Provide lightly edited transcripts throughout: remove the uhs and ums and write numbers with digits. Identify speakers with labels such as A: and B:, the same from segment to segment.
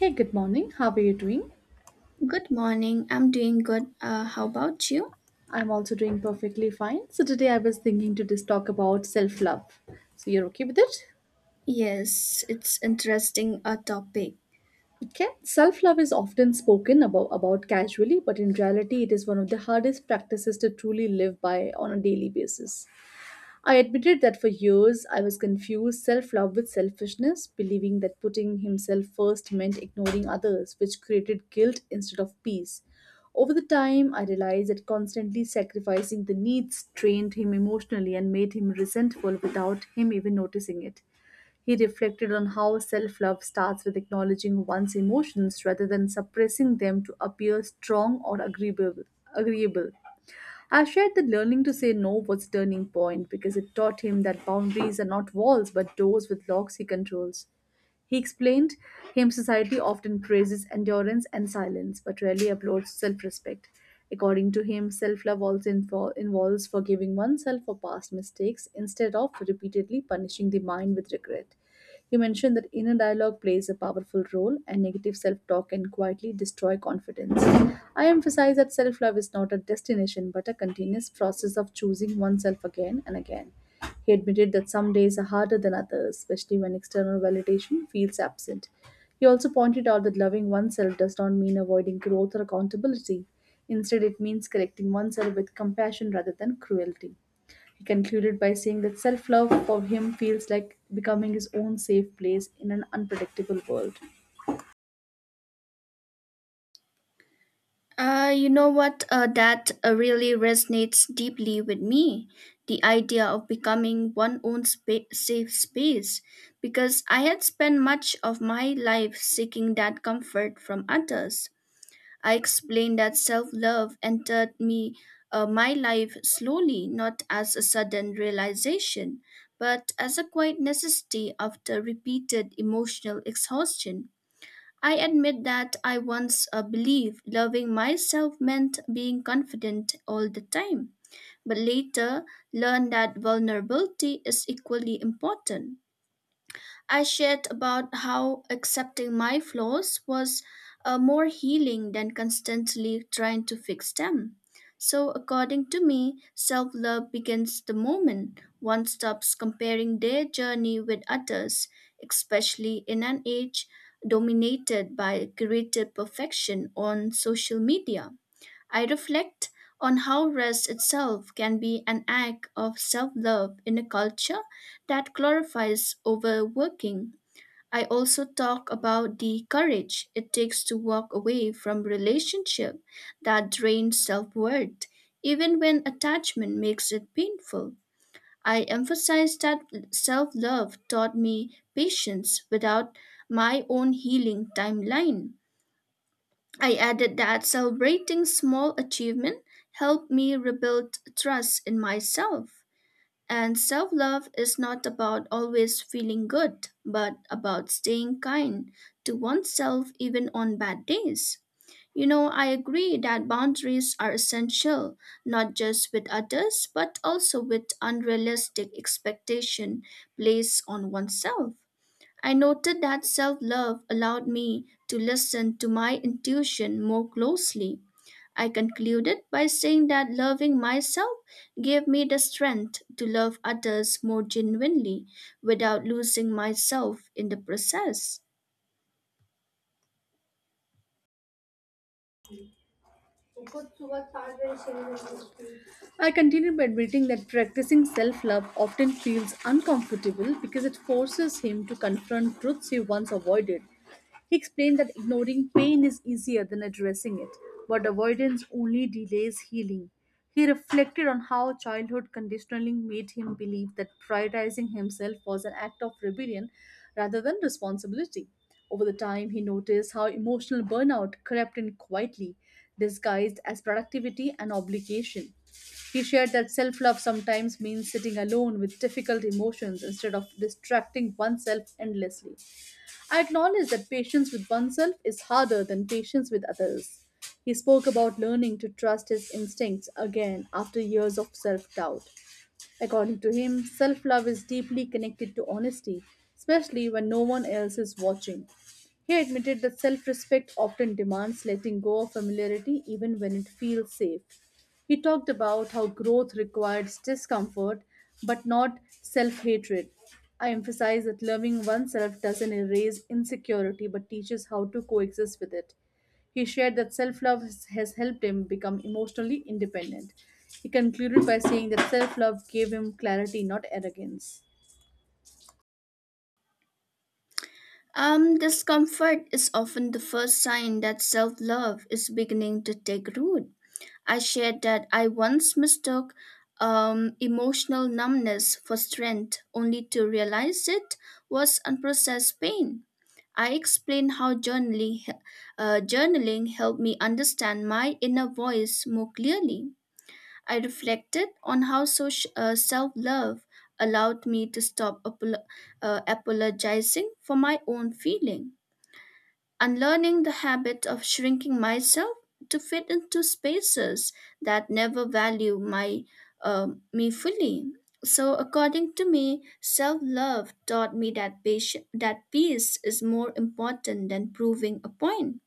A: Hey, good morning. How are you doing?
B: Good morning. I'm doing good. How about you?
A: I'm also doing perfectly fine. So today I was thinking to just talk about self-love. So you're okay with it?
B: Yes, it's interesting a topic.
A: Okay. Self-love is often spoken about casually, but in reality it is one of the hardest practices to truly live by on a daily basis. I admitted that for years I was confused self love with selfishness, believing that putting himself first meant ignoring others, which created guilt instead of peace. Over the time, I realized that constantly sacrificing the needs drained him emotionally and made him resentful without him even noticing it. He reflected on how self love starts with acknowledging one's emotions rather than suppressing them to appear strong or agreeable. I shared that learning to say no was a turning point because it taught him that boundaries are not walls but doors with locks he controls. He explained him society often praises endurance and silence, but rarely applauds self respect. According to him, self love also involves forgiving oneself for past mistakes instead of repeatedly punishing the mind with regret. He mentioned that inner dialogue plays a powerful role and negative self talk can quietly destroy confidence. I emphasize that self love is not a destination but a continuous process of choosing oneself again and again. He admitted that some days are harder than others, especially when external validation feels absent. He also pointed out that loving oneself does not mean avoiding growth or accountability. Instead, it means correcting oneself with compassion rather than cruelty. He concluded by saying that self love for him feels like becoming his own safe place in an unpredictable world.
B: You know what? That really resonates deeply with me. The idea of becoming one own safe space, because I had spent much of my life seeking that comfort from others. I explained that self love entered me my life slowly, not as a sudden realization, but as a quiet necessity after repeated emotional exhaustion. I admit that I once believed loving myself meant being confident all the time, but later learned that vulnerability is equally important. I shared about how accepting my flaws was more healing than constantly trying to fix them. So, according to me, self love begins the moment one stops comparing their journey with others, especially in an age dominated by curated perfection on social media. I reflect on how rest itself can be an act of self love in a culture that glorifies overworking. I also talk about the courage it takes to walk away from relationship that drains self-worth even when attachment makes it painful. I emphasize that self-love taught me patience without my own healing timeline. I added that celebrating small achievement helped me rebuild trust in myself. And self love is not about always feeling good, but about staying kind to oneself even on bad days. You know, I agree that boundaries are essential, not just with others, but also with unrealistic expectation placed on oneself. I noted that self love allowed me to listen to my intuition more closely. I concluded by saying that loving myself gave me the strength to love others more genuinely without losing myself in the process.
A: I continued by admitting that practicing self love often feels uncomfortable because it forces him to confront truths he once avoided. He explained that ignoring pain is easier than addressing it, but avoidance only delays healing. He reflected on how childhood conditioning made him believe that prioritizing himself was an act of rebellion rather than responsibility. Over the time, he noticed how emotional burnout crept in quietly, disguised as productivity and obligation. He shared that self love sometimes means sitting alone with difficult emotions instead of distracting oneself endlessly. I acknowledge that patience with oneself is harder than patience with others. He spoke about learning to trust his instincts again after years of self doubt. According to him, self love is deeply connected to honesty, especially when no one else is watching. He admitted that self respect often demands letting go of familiarity even when it feels safe. He talked about how growth requires discomfort but not self hatred. I emphasize that loving oneself doesn't erase insecurity but teaches how to coexist with it. He shared that self love has helped him become emotionally independent. He concluded by saying that self love gave him clarity, not arrogance.
B: Discomfort is often the first sign that self love is beginning to take root. I shared that I once mistook emotional numbness for strength, only to realize it was unprocessed pain. I explained how journaling helped me understand my inner voice more clearly. I reflected on how self love allowed me to stop apologizing for my own feeling, unlearning the habit of shrinking myself to fit into spaces that never value my me fully. So, according to me, self-love taught me that peace is more important than proving a point.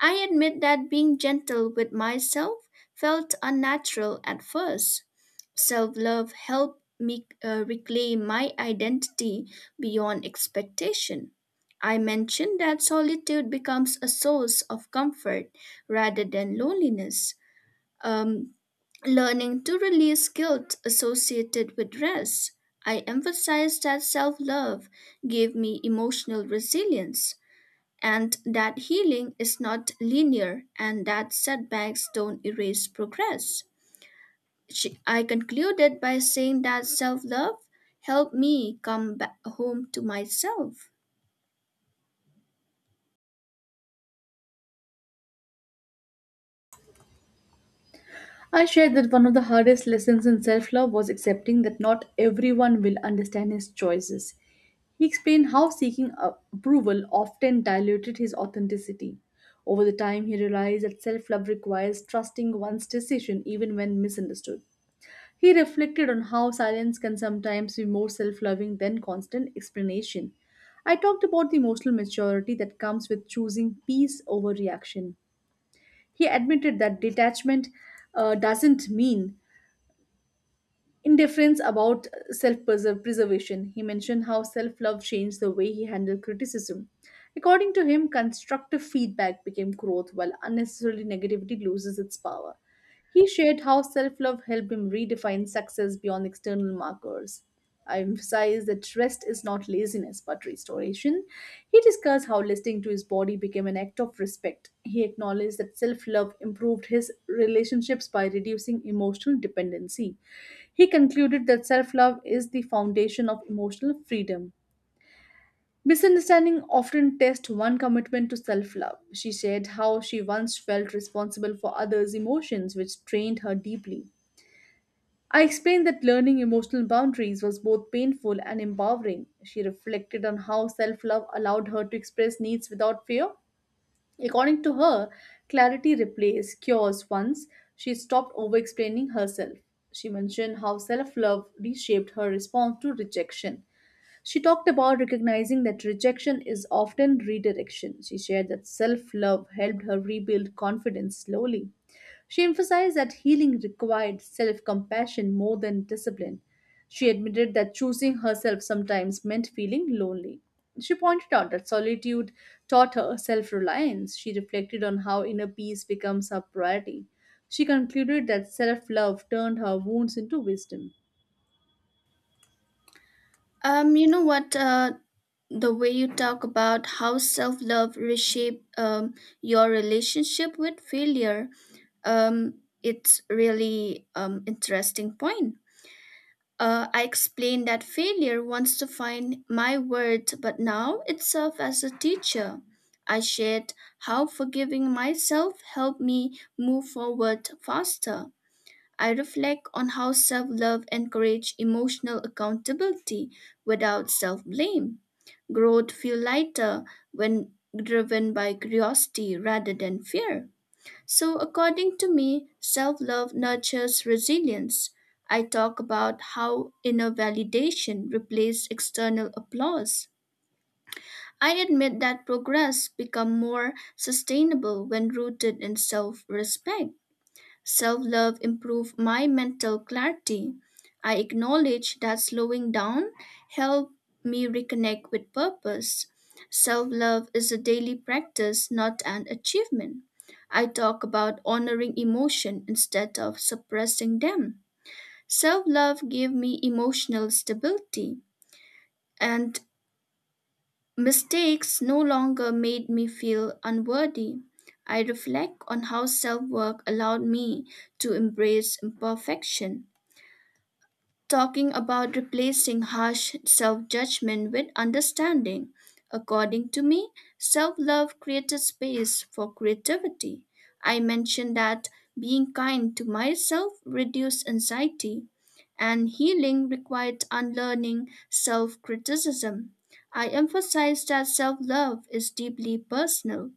B: I admit that being gentle with myself felt unnatural at first. Self love helped me reclaim my identity beyond expectation. I mentioned that solitude becomes a source of comfort rather than loneliness. Um, learning to release guilt associated with rest. I emphasized that self love gave me emotional resilience and that healing is not linear and that setbacks don't erase progress. I concluded by saying that self love helped me come back home to myself.
A: I shared that one of the hardest lessons in self love was accepting that not everyone will understand his choices. He explained how seeking approval often diluted his authenticity. Over the time, he realized that self love requires trusting one's decision even when misunderstood. He reflected on how silence can sometimes be more self loving than constant explanation. I talked about the emotional maturity that comes with choosing peace over reaction. He admitted that detachment doesn't mean indifference about self preservation. He mentioned how self love changed the way he handled criticism. According to him, constructive feedback became growth while unnecessarily negativity loses its power. He shared how self love helped him redefine success beyond external markers. I emphasize that rest is not laziness but restoration. He discussed how listening to his body became an act of respect. He acknowledged that self love improved his relationships by reducing emotional dependency. He concluded that self love is the foundation of emotional freedom. Misunderstanding often test one commitment to self-love. She shared how she once felt responsible for others' emotions, which trained her deeply. I explained that learning emotional boundaries was both painful and empowering. She reflected on how self-love allowed her to express needs without fear. According to her, clarity replaced cures once she stopped over-explaining herself. She mentioned how self-love reshaped her response to rejection. She talked about recognizing that rejection is often redirection. She shared that self love helped her rebuild confidence slowly. She emphasized that healing required self compassion more than discipline. She admitted that choosing herself sometimes meant feeling lonely. She pointed out that solitude taught her self reliance. She reflected on how inner peace becomes her priority. She concluded that self love turned her wounds into wisdom.
B: You know what? The way you talk about how self love reshaped your relationship with failure, it's really interesting point. I explained that failure wants to find my worth, but now it serves as a teacher. I shared how forgiving myself helped me move forward faster. I reflect on how self love encourages emotional accountability without self blame. Growth feels lighter when driven by curiosity rather than fear. So, according to me, self love nurtures resilience. I talk about how inner validation replaced external applause. I admit that progress become more sustainable when rooted in self-respect. Self love improved my mental clarity. I acknowledge that slowing down helped me reconnect with purpose. Self love is a daily practice, not an achievement. I talk about honoring emotion instead of suppressing them. Self love gave me emotional stability, and mistakes no longer made me feel unworthy. I reflect on how self work allowed me to embrace imperfection, talking about replacing harsh self judgment with understanding. According to me, self love created space for creativity. I mentioned that being kind to myself reduced anxiety, and healing required unlearning self criticism. I emphasized that self love is deeply personal.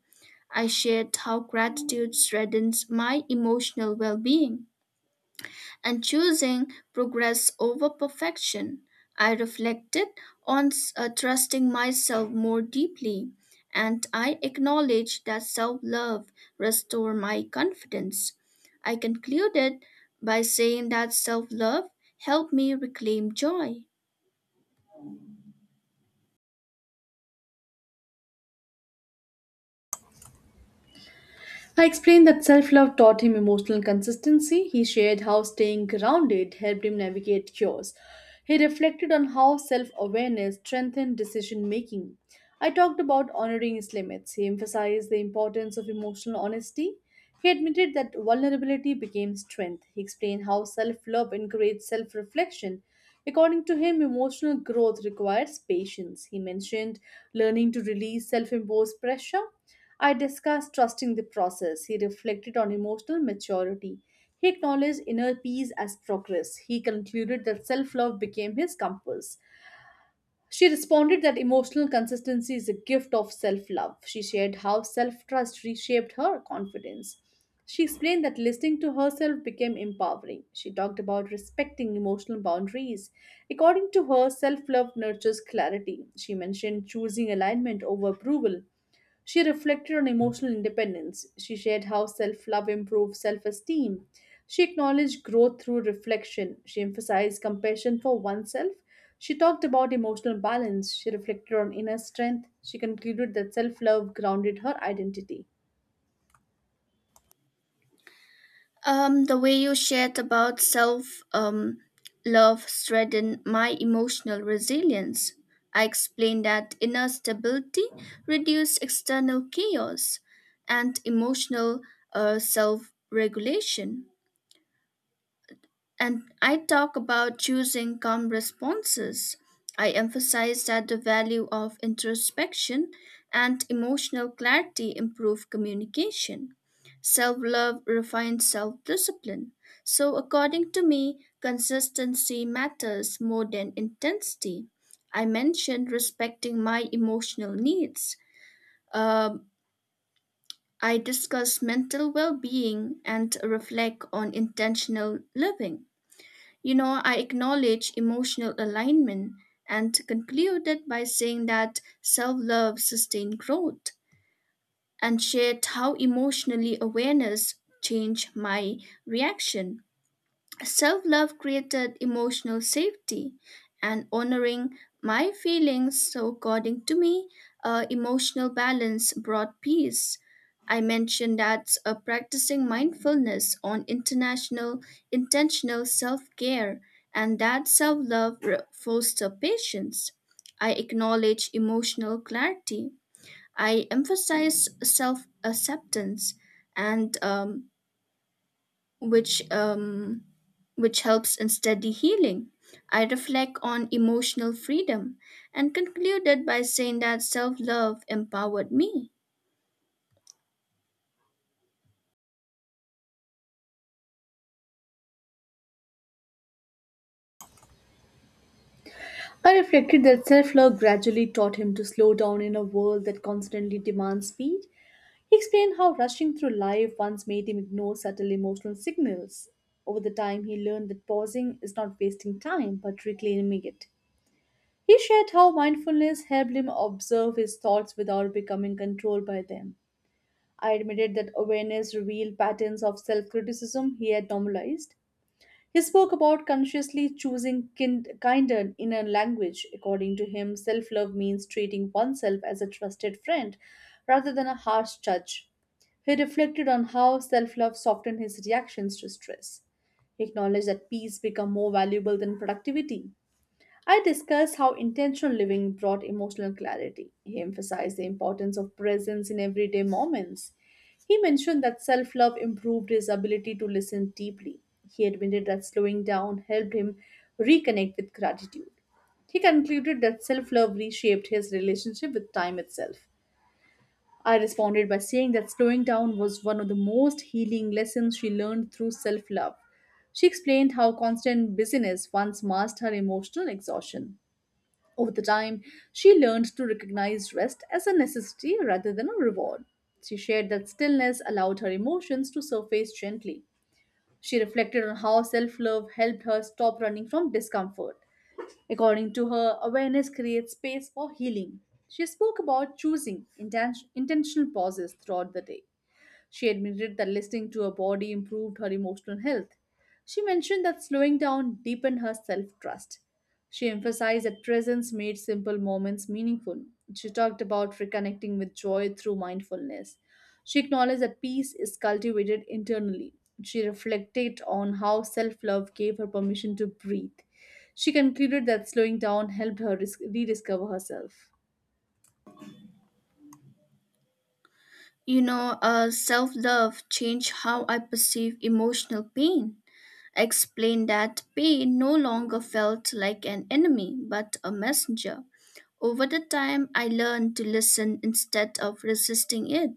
B: I shared how gratitude strengthens my emotional well being and choosing progress over perfection. I reflected on trusting myself more deeply, and I acknowledged that self love restored my confidence. I concluded by saying that self love helped me reclaim joy.
A: I explained that self love taught him emotional consistency. He shared how staying grounded helped him navigate chores. He reflected on how self awareness strengthened decision making. I talked about honoring his limits. He emphasized the importance of emotional honesty. He admitted that vulnerability became strength. He explained how self love encouraged self reflection. According to him, emotional growth requires patience. He mentioned learning to release self imposed pressure. I discussed trusting the process. He reflected on emotional maturity. He acknowledged inner peace as progress. He concluded that self love became his compass. She responded that emotional consistency is a gift of self love. She shared how self trust reshaped her confidence. She explained that listening to herself became empowering. She talked about respecting emotional boundaries. According to her, self love nurtures clarity. She mentioned choosing alignment over approval. She reflected on emotional independence. She shared how self love improved self esteem. She acknowledged growth through reflection. She emphasized compassion for oneself. She talked about emotional balance. She reflected on inner strength. She concluded that self love grounded her identity.
B: The way you shared about self um, love strengthened my emotional resilience. I explained that inner stability reduced external chaos and emotional self regulation. And I talk about choosing calm responses. I emphasize that the value of introspection and emotional clarity improve communication. Self love refines self discipline. So, according to me, consistency matters more than intensity. I mentioned respecting my emotional needs. Um, I discuss mental well being and reflect on intentional living. You know, I acknowledge emotional alignment and concluded by saying that self love sustained growth and shared how emotionally awareness changed my reaction. Self love created emotional safety, and honoring my feelings, so according to me, emotional balance brought peace. I mentioned that practicing mindfulness on international intentional self care and that self love foster patience. I acknowledge emotional clarity. I emphasize self acceptance and which um, which helps in steady healing. I reflect on emotional freedom and concluded by saying that self love empowered me.
A: I reflected that self love gradually taught him to slow down in a world that constantly demands speed. He explained how rushing through life once made him ignore subtle emotional signals. Over the time, he learned that pausing is not wasting time but reclaiming it. He shared how mindfulness helped him observe his thoughts without becoming controlled by them. I admitted that awareness revealed patterns of self criticism he had normalized. He spoke about consciously choosing kinder inner language. According to him, self love means treating oneself as a trusted friend rather than a harsh judge. He reflected on how self love softened his reactions to stress. He acknowledged that peace became more valuable than productivity. I discussed how intentional living brought emotional clarity. He emphasized the importance of presence in everyday moments. He mentioned that self love improved his ability to listen deeply. He admitted that slowing down helped him reconnect with gratitude. He concluded that self love reshaped his relationship with time itself. I responded by saying that slowing down was one of the most healing lessons she learned through self love. She explained how constant busyness once masked her emotional exhaustion. Over the time, she learned to recognize rest as a necessity rather than a reward. She shared that stillness allowed her emotions to surface gently. She reflected on how self love helped her stop running from discomfort. According to her, awareness creates space for healing. She spoke about choosing intentional pauses throughout the day. She admitted that listening to her body improved her emotional health. She mentioned that slowing down deepened her self trust. She emphasized that presence made simple moments meaningful. She talked about reconnecting with joy through mindfulness. She acknowledged that peace is cultivated internally. She reflected on how self love gave her permission to breathe. She concluded that slowing down helped her rediscover herself.
B: Self love changed how I perceive emotional pain. I explained that pain no longer felt like an enemy but a messenger. Over the time, I learned to listen instead of resisting it.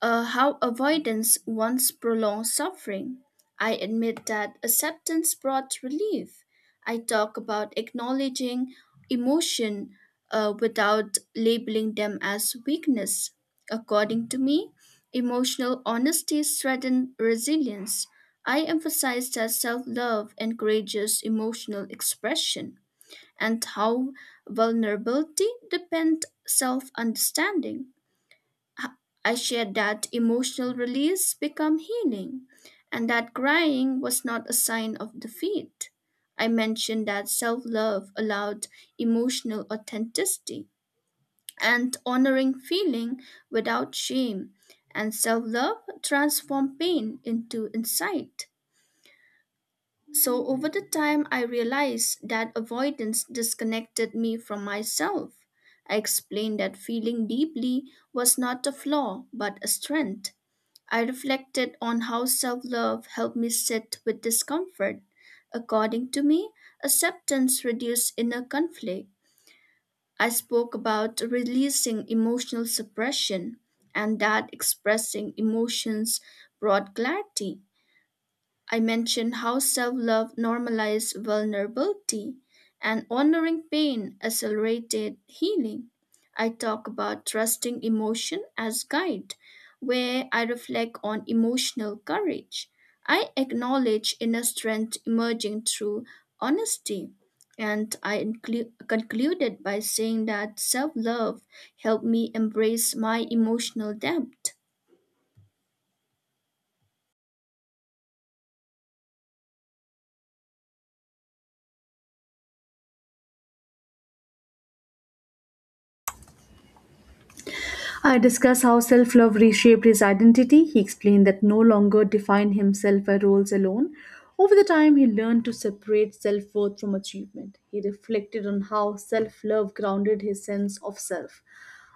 B: How avoidance once prolonged suffering. I admit that acceptance brought relief. I talk about acknowledging emotion without labeling them as weakness. According to me, emotional honesty strengthens resilience. I emphasize that self love encourages emotional expression and how vulnerability depends self understanding. I shared that emotional release became healing, and that crying was not a sign of defeat. I mentioned that self love allowed emotional authenticity and honoring feeling without shame, and self love transformed pain into insight. So over the time, I realized that avoidance disconnected me from myself. I explained that feeling deeply was not a flaw, but a strength. I reflected on how self love helped me sit with discomfort. According to me, acceptance reduced inner conflict. I spoke about releasing emotional suppression and that expressing emotions brought clarity. I mentioned how self love normalized vulnerability and honoring pain accelerated healing. I talk about trusting emotion as guide, where I reflect on emotional courage. I acknowledge inner strength emerging through honesty. And I concluded by saying that self love helped me embrace my emotional depth.
A: I discuss how self love reshaped his identity. He explained that no longer defined himself by roles alone. Over the time, he learned to separate self worth from achievement. He reflected on how self love grounded his sense of self.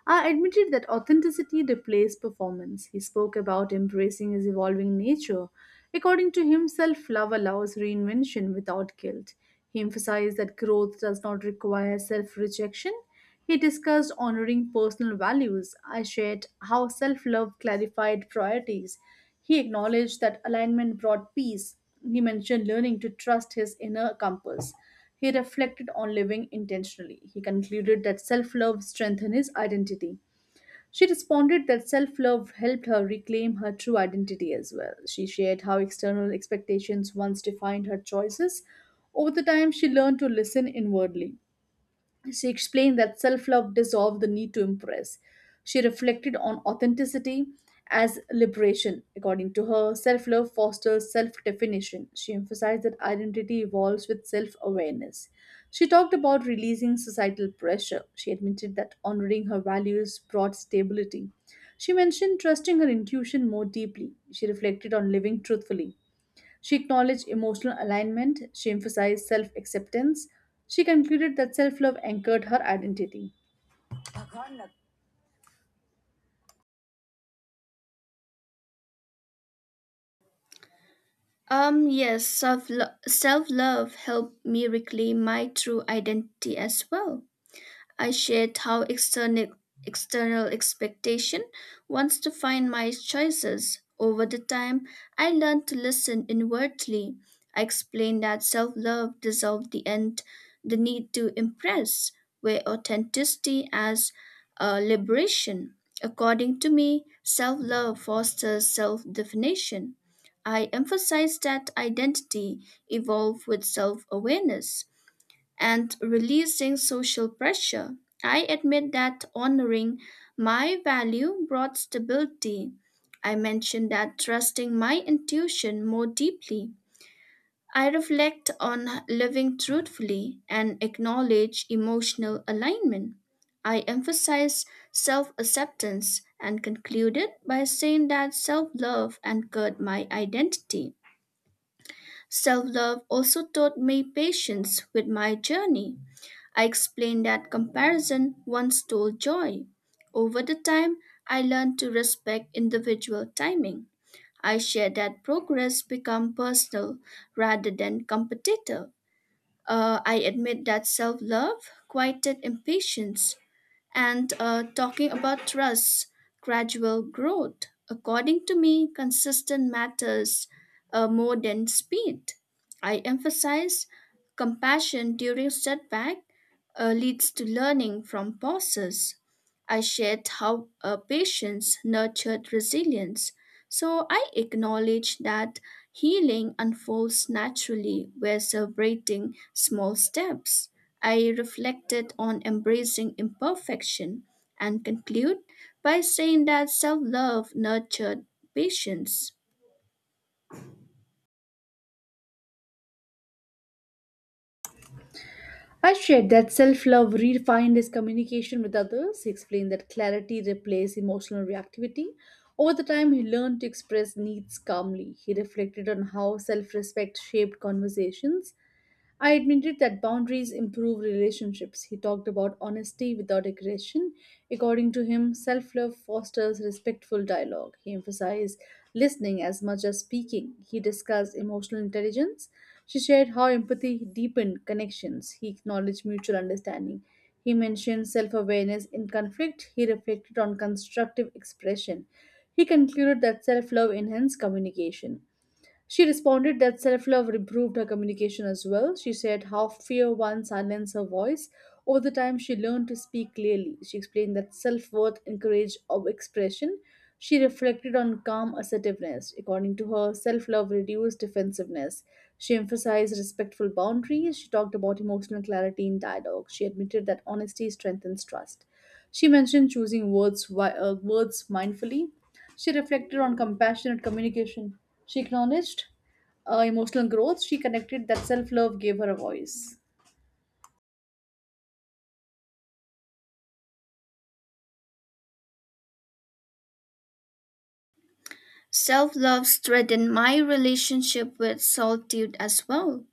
A: I admitted that authenticity replaced performance. He spoke about embracing his evolving nature. According to him, self love allows reinvention without guilt. He emphasized that growth does not require self rejection. He discussed honoring personal values. I shared how self love clarified priorities. He acknowledged that alignment brought peace. He mentioned learning to trust his inner compass. He reflected on living intentionally. He concluded that self love strengthened his identity. She responded that self love helped her reclaim her true identity as well. She shared how external expectations once defined her choices. Over the time, she learned to listen inwardly. She explained that self love dissolved the need to impress. She reflected on authenticity as liberation. According to her, self love fosters self definition. She emphasized that identity evolves with self awareness. She talked about releasing societal pressure. She admitted that honoring her values brought stability. She mentioned trusting her intuition more deeply. She reflected on living truthfully. She acknowledged emotional alignment, she emphasized self acceptance. She concluded that self love anchored her identity.
B: Yes, self love helped me reclaim my true identity as well. I shared how external expectation wants to define my choices. Over the time, I learned to listen inwardly. I explained that self-love dissolved the need to impress, where authenticity as a liberation. According to me, self-love fosters self-definition. I emphasized that identity evolved with self-awareness and releasing social pressure. I admit that honoring my value brought stability. I mentioned that trusting my intuition more deeply. I reflect on living truthfully and acknowledge emotional alignment. I emphasize self acceptance and concluded by saying that self love anchored my identity. Self love also taught me patience with my journey. I explained that comparison once stole joy. Over the time, I learned to respect individual timing. I shared that progress become personal rather than competitive. I admit that self love quieted impatience and talking about trust, gradual growth. According to me, consistent matters more than speed. I emphasize compassion during setback leads to learning from pauses. I shared how patience nurtured resilience, so I acknowledge that healing unfolds naturally. We're celebrating small steps. I reflected on embracing imperfection and conclude by saying that self love nurtured patience.
A: I shared that self love redefined his communication with others. He explained that clarity replaced emotional reactivity. Over the time, he learned to express needs calmly. He reflected on how self respect shaped conversations. I admitted that boundaries improve relationships. He talked about honesty without aggression. According to him, self love fosters respectful dialogue. He emphasized listening as much as speaking. He discussed emotional intelligence. She shared how empathy deepened connections. He acknowledged mutual understanding. He mentioned self awareness in conflict. He reflected on constructive expression. He concluded that self love enhanced communication. She responded that self love improved her communication as well. She said how fear once silenced her voice. Over the time, she learned to speak clearly. She explained that self worth encouraged of expression. She reflected on calm assertiveness. According to her, self love reduced defensiveness. She emphasized respectful boundaries. She talked about emotional clarity in dialogue. She admitted that honesty strengthens trust. She mentioned choosing words mindfully. She reflected on compassionate communication. She acknowledged emotional growth. She connected that self love gave her a voice.
B: Self love strengthened my relationship with solitude as well.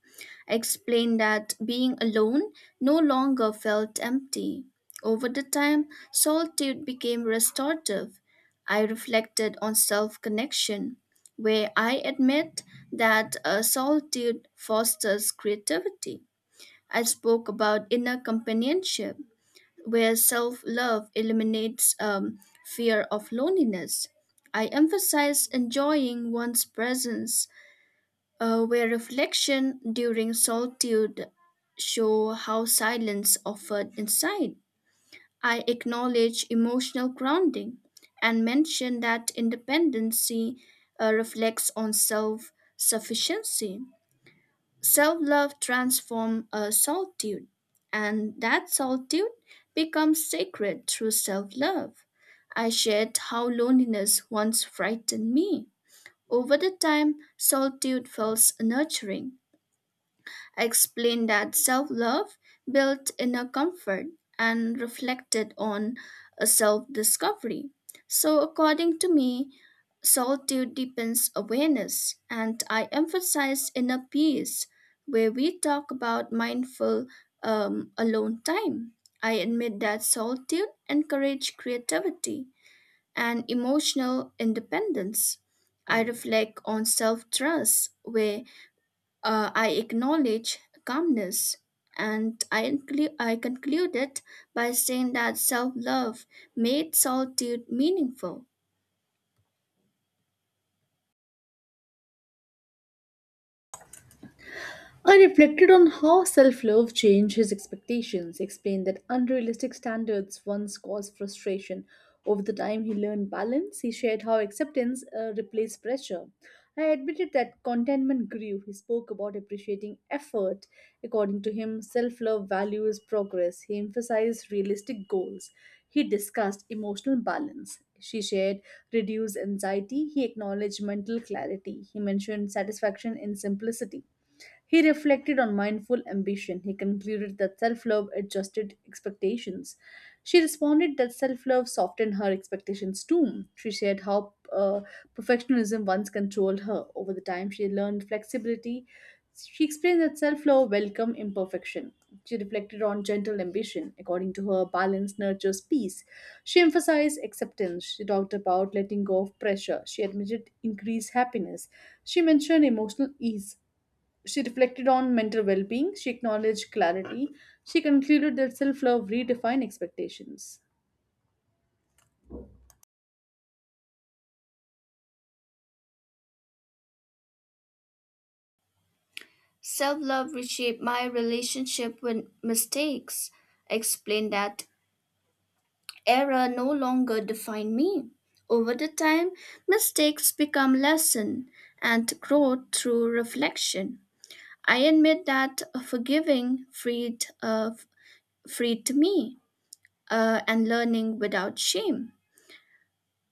B: I explained that being alone no longer felt empty. Over the time, solitude became restorative. I reflected on self connection, where I admit that solitude fosters creativity. I spoke about inner companionship where self love eliminates fear of loneliness. I emphasize enjoying one's presence, where reflection during solitude show how silence offered insight, I acknowledge emotional grounding and mention that independency reflects on self sufficiency. Self love transforms a solitude, and that solitude becomes sacred through self love. I shared how loneliness once frightened me. Over the time, solitude felt nurturing. I explained that self love built inner comfort and reflected on a self discovery. So, according to me, solitude deepens awareness, and I emphasize inner peace, where we talk about mindful alone time. I admit that solitude encourages creativity and emotional independence. I reflect on self trust, where I acknowledge calmness, and I concluded by saying that self love made solitude meaningful.
A: I reflected on how self love changed his expectations, explained that unrealistic standards once caused frustration. Over the time he learned balance, he shared how acceptance replaced pressure. I admitted that contentment grew. He spoke about appreciating effort. According to him, self love values progress. He emphasized realistic goals. He discussed emotional balance. She shared reduced anxiety. He acknowledged mental clarity. He mentioned satisfaction in simplicity. He reflected on mindful ambition. He concluded that self love adjusted expectations. She responded that self love softened her expectations too. She shared how perfectionism once controlled her. Over the time, she learned flexibility. She explained that self love welcomed imperfection. She reflected on gentle ambition. According to her, balance nurtures peace. She emphasized acceptance. She talked about letting go of pressure. She admitted increased happiness. She mentioned emotional ease. She reflected on mental well being, she acknowledged clarity, she concluded that self love redefined expectations.
B: Self love reshaped my relationship with mistakes. I explained that error no longer defined me. Over the time, mistakes become lesson and growth through reflection. I admit that freed me and learning without shame.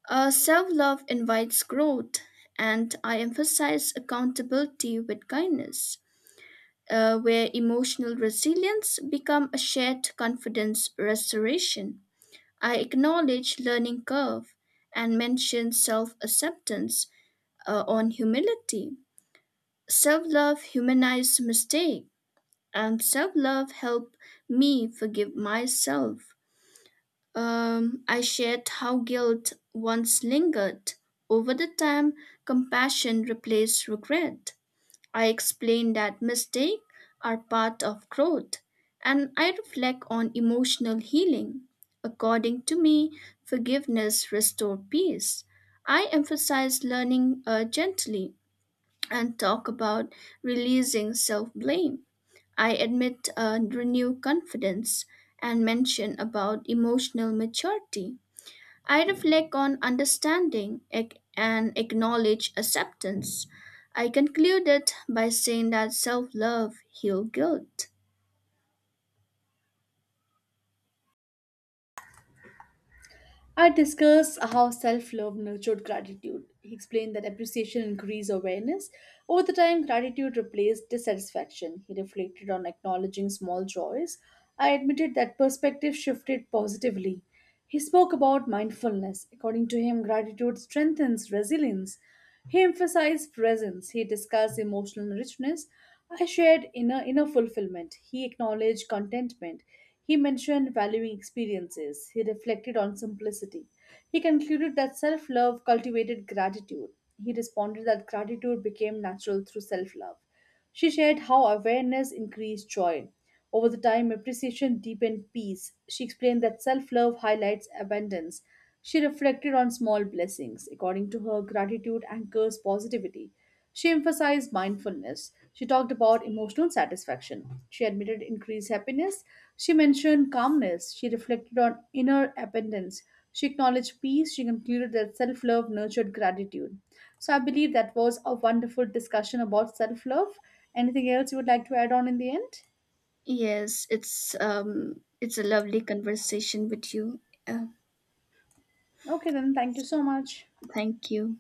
B: Self love invites growth, and I emphasize accountability with kindness, where emotional resilience become a shared confidence restoration. I acknowledge learning curve and mention self acceptance on humility. Self love humanize mistake, and self love help me forgive myself. I shared how guilt once lingered. Over the time, compassion replaced regret. I explained that mistakes are part of growth, and I reflect on emotional healing. According to me, forgiveness restored peace. I emphasize learning gently and talk about releasing self blame. I admit renew confidence and mention about emotional maturity. I reflect on understanding and acknowledge acceptance. I concluded by saying that self-love heals guilt.
A: I discussed how self love nurtured gratitude. He explained that appreciation increased awareness. Over the time, gratitude replaced dissatisfaction. He reflected on acknowledging small joys. I admitted that perspective shifted positively. He spoke about mindfulness. According to him, gratitude strengthens resilience. He emphasized presence. He discussed emotional richness. I shared inner fulfillment. He acknowledged contentment. He mentioned valuing experiences. He reflected on simplicity. He concluded that self love cultivated gratitude. He responded that gratitude became natural through self love. She shared how awareness increased joy. Over the time, appreciation deepened peace. She explained that self love highlights abundance. She reflected on small blessings. According to her, gratitude anchors positivity. She emphasized mindfulness. She talked about emotional satisfaction. She admitted increased happiness. She mentioned calmness. She reflected on inner abundance. She acknowledged peace. She concluded that self love nurtured gratitude. So I believe that was a wonderful discussion about self love. Anything else you would like to add on in the end?
B: It's a lovely conversation with you. Uh,
A: Okay, then thank you so much.
B: thank you.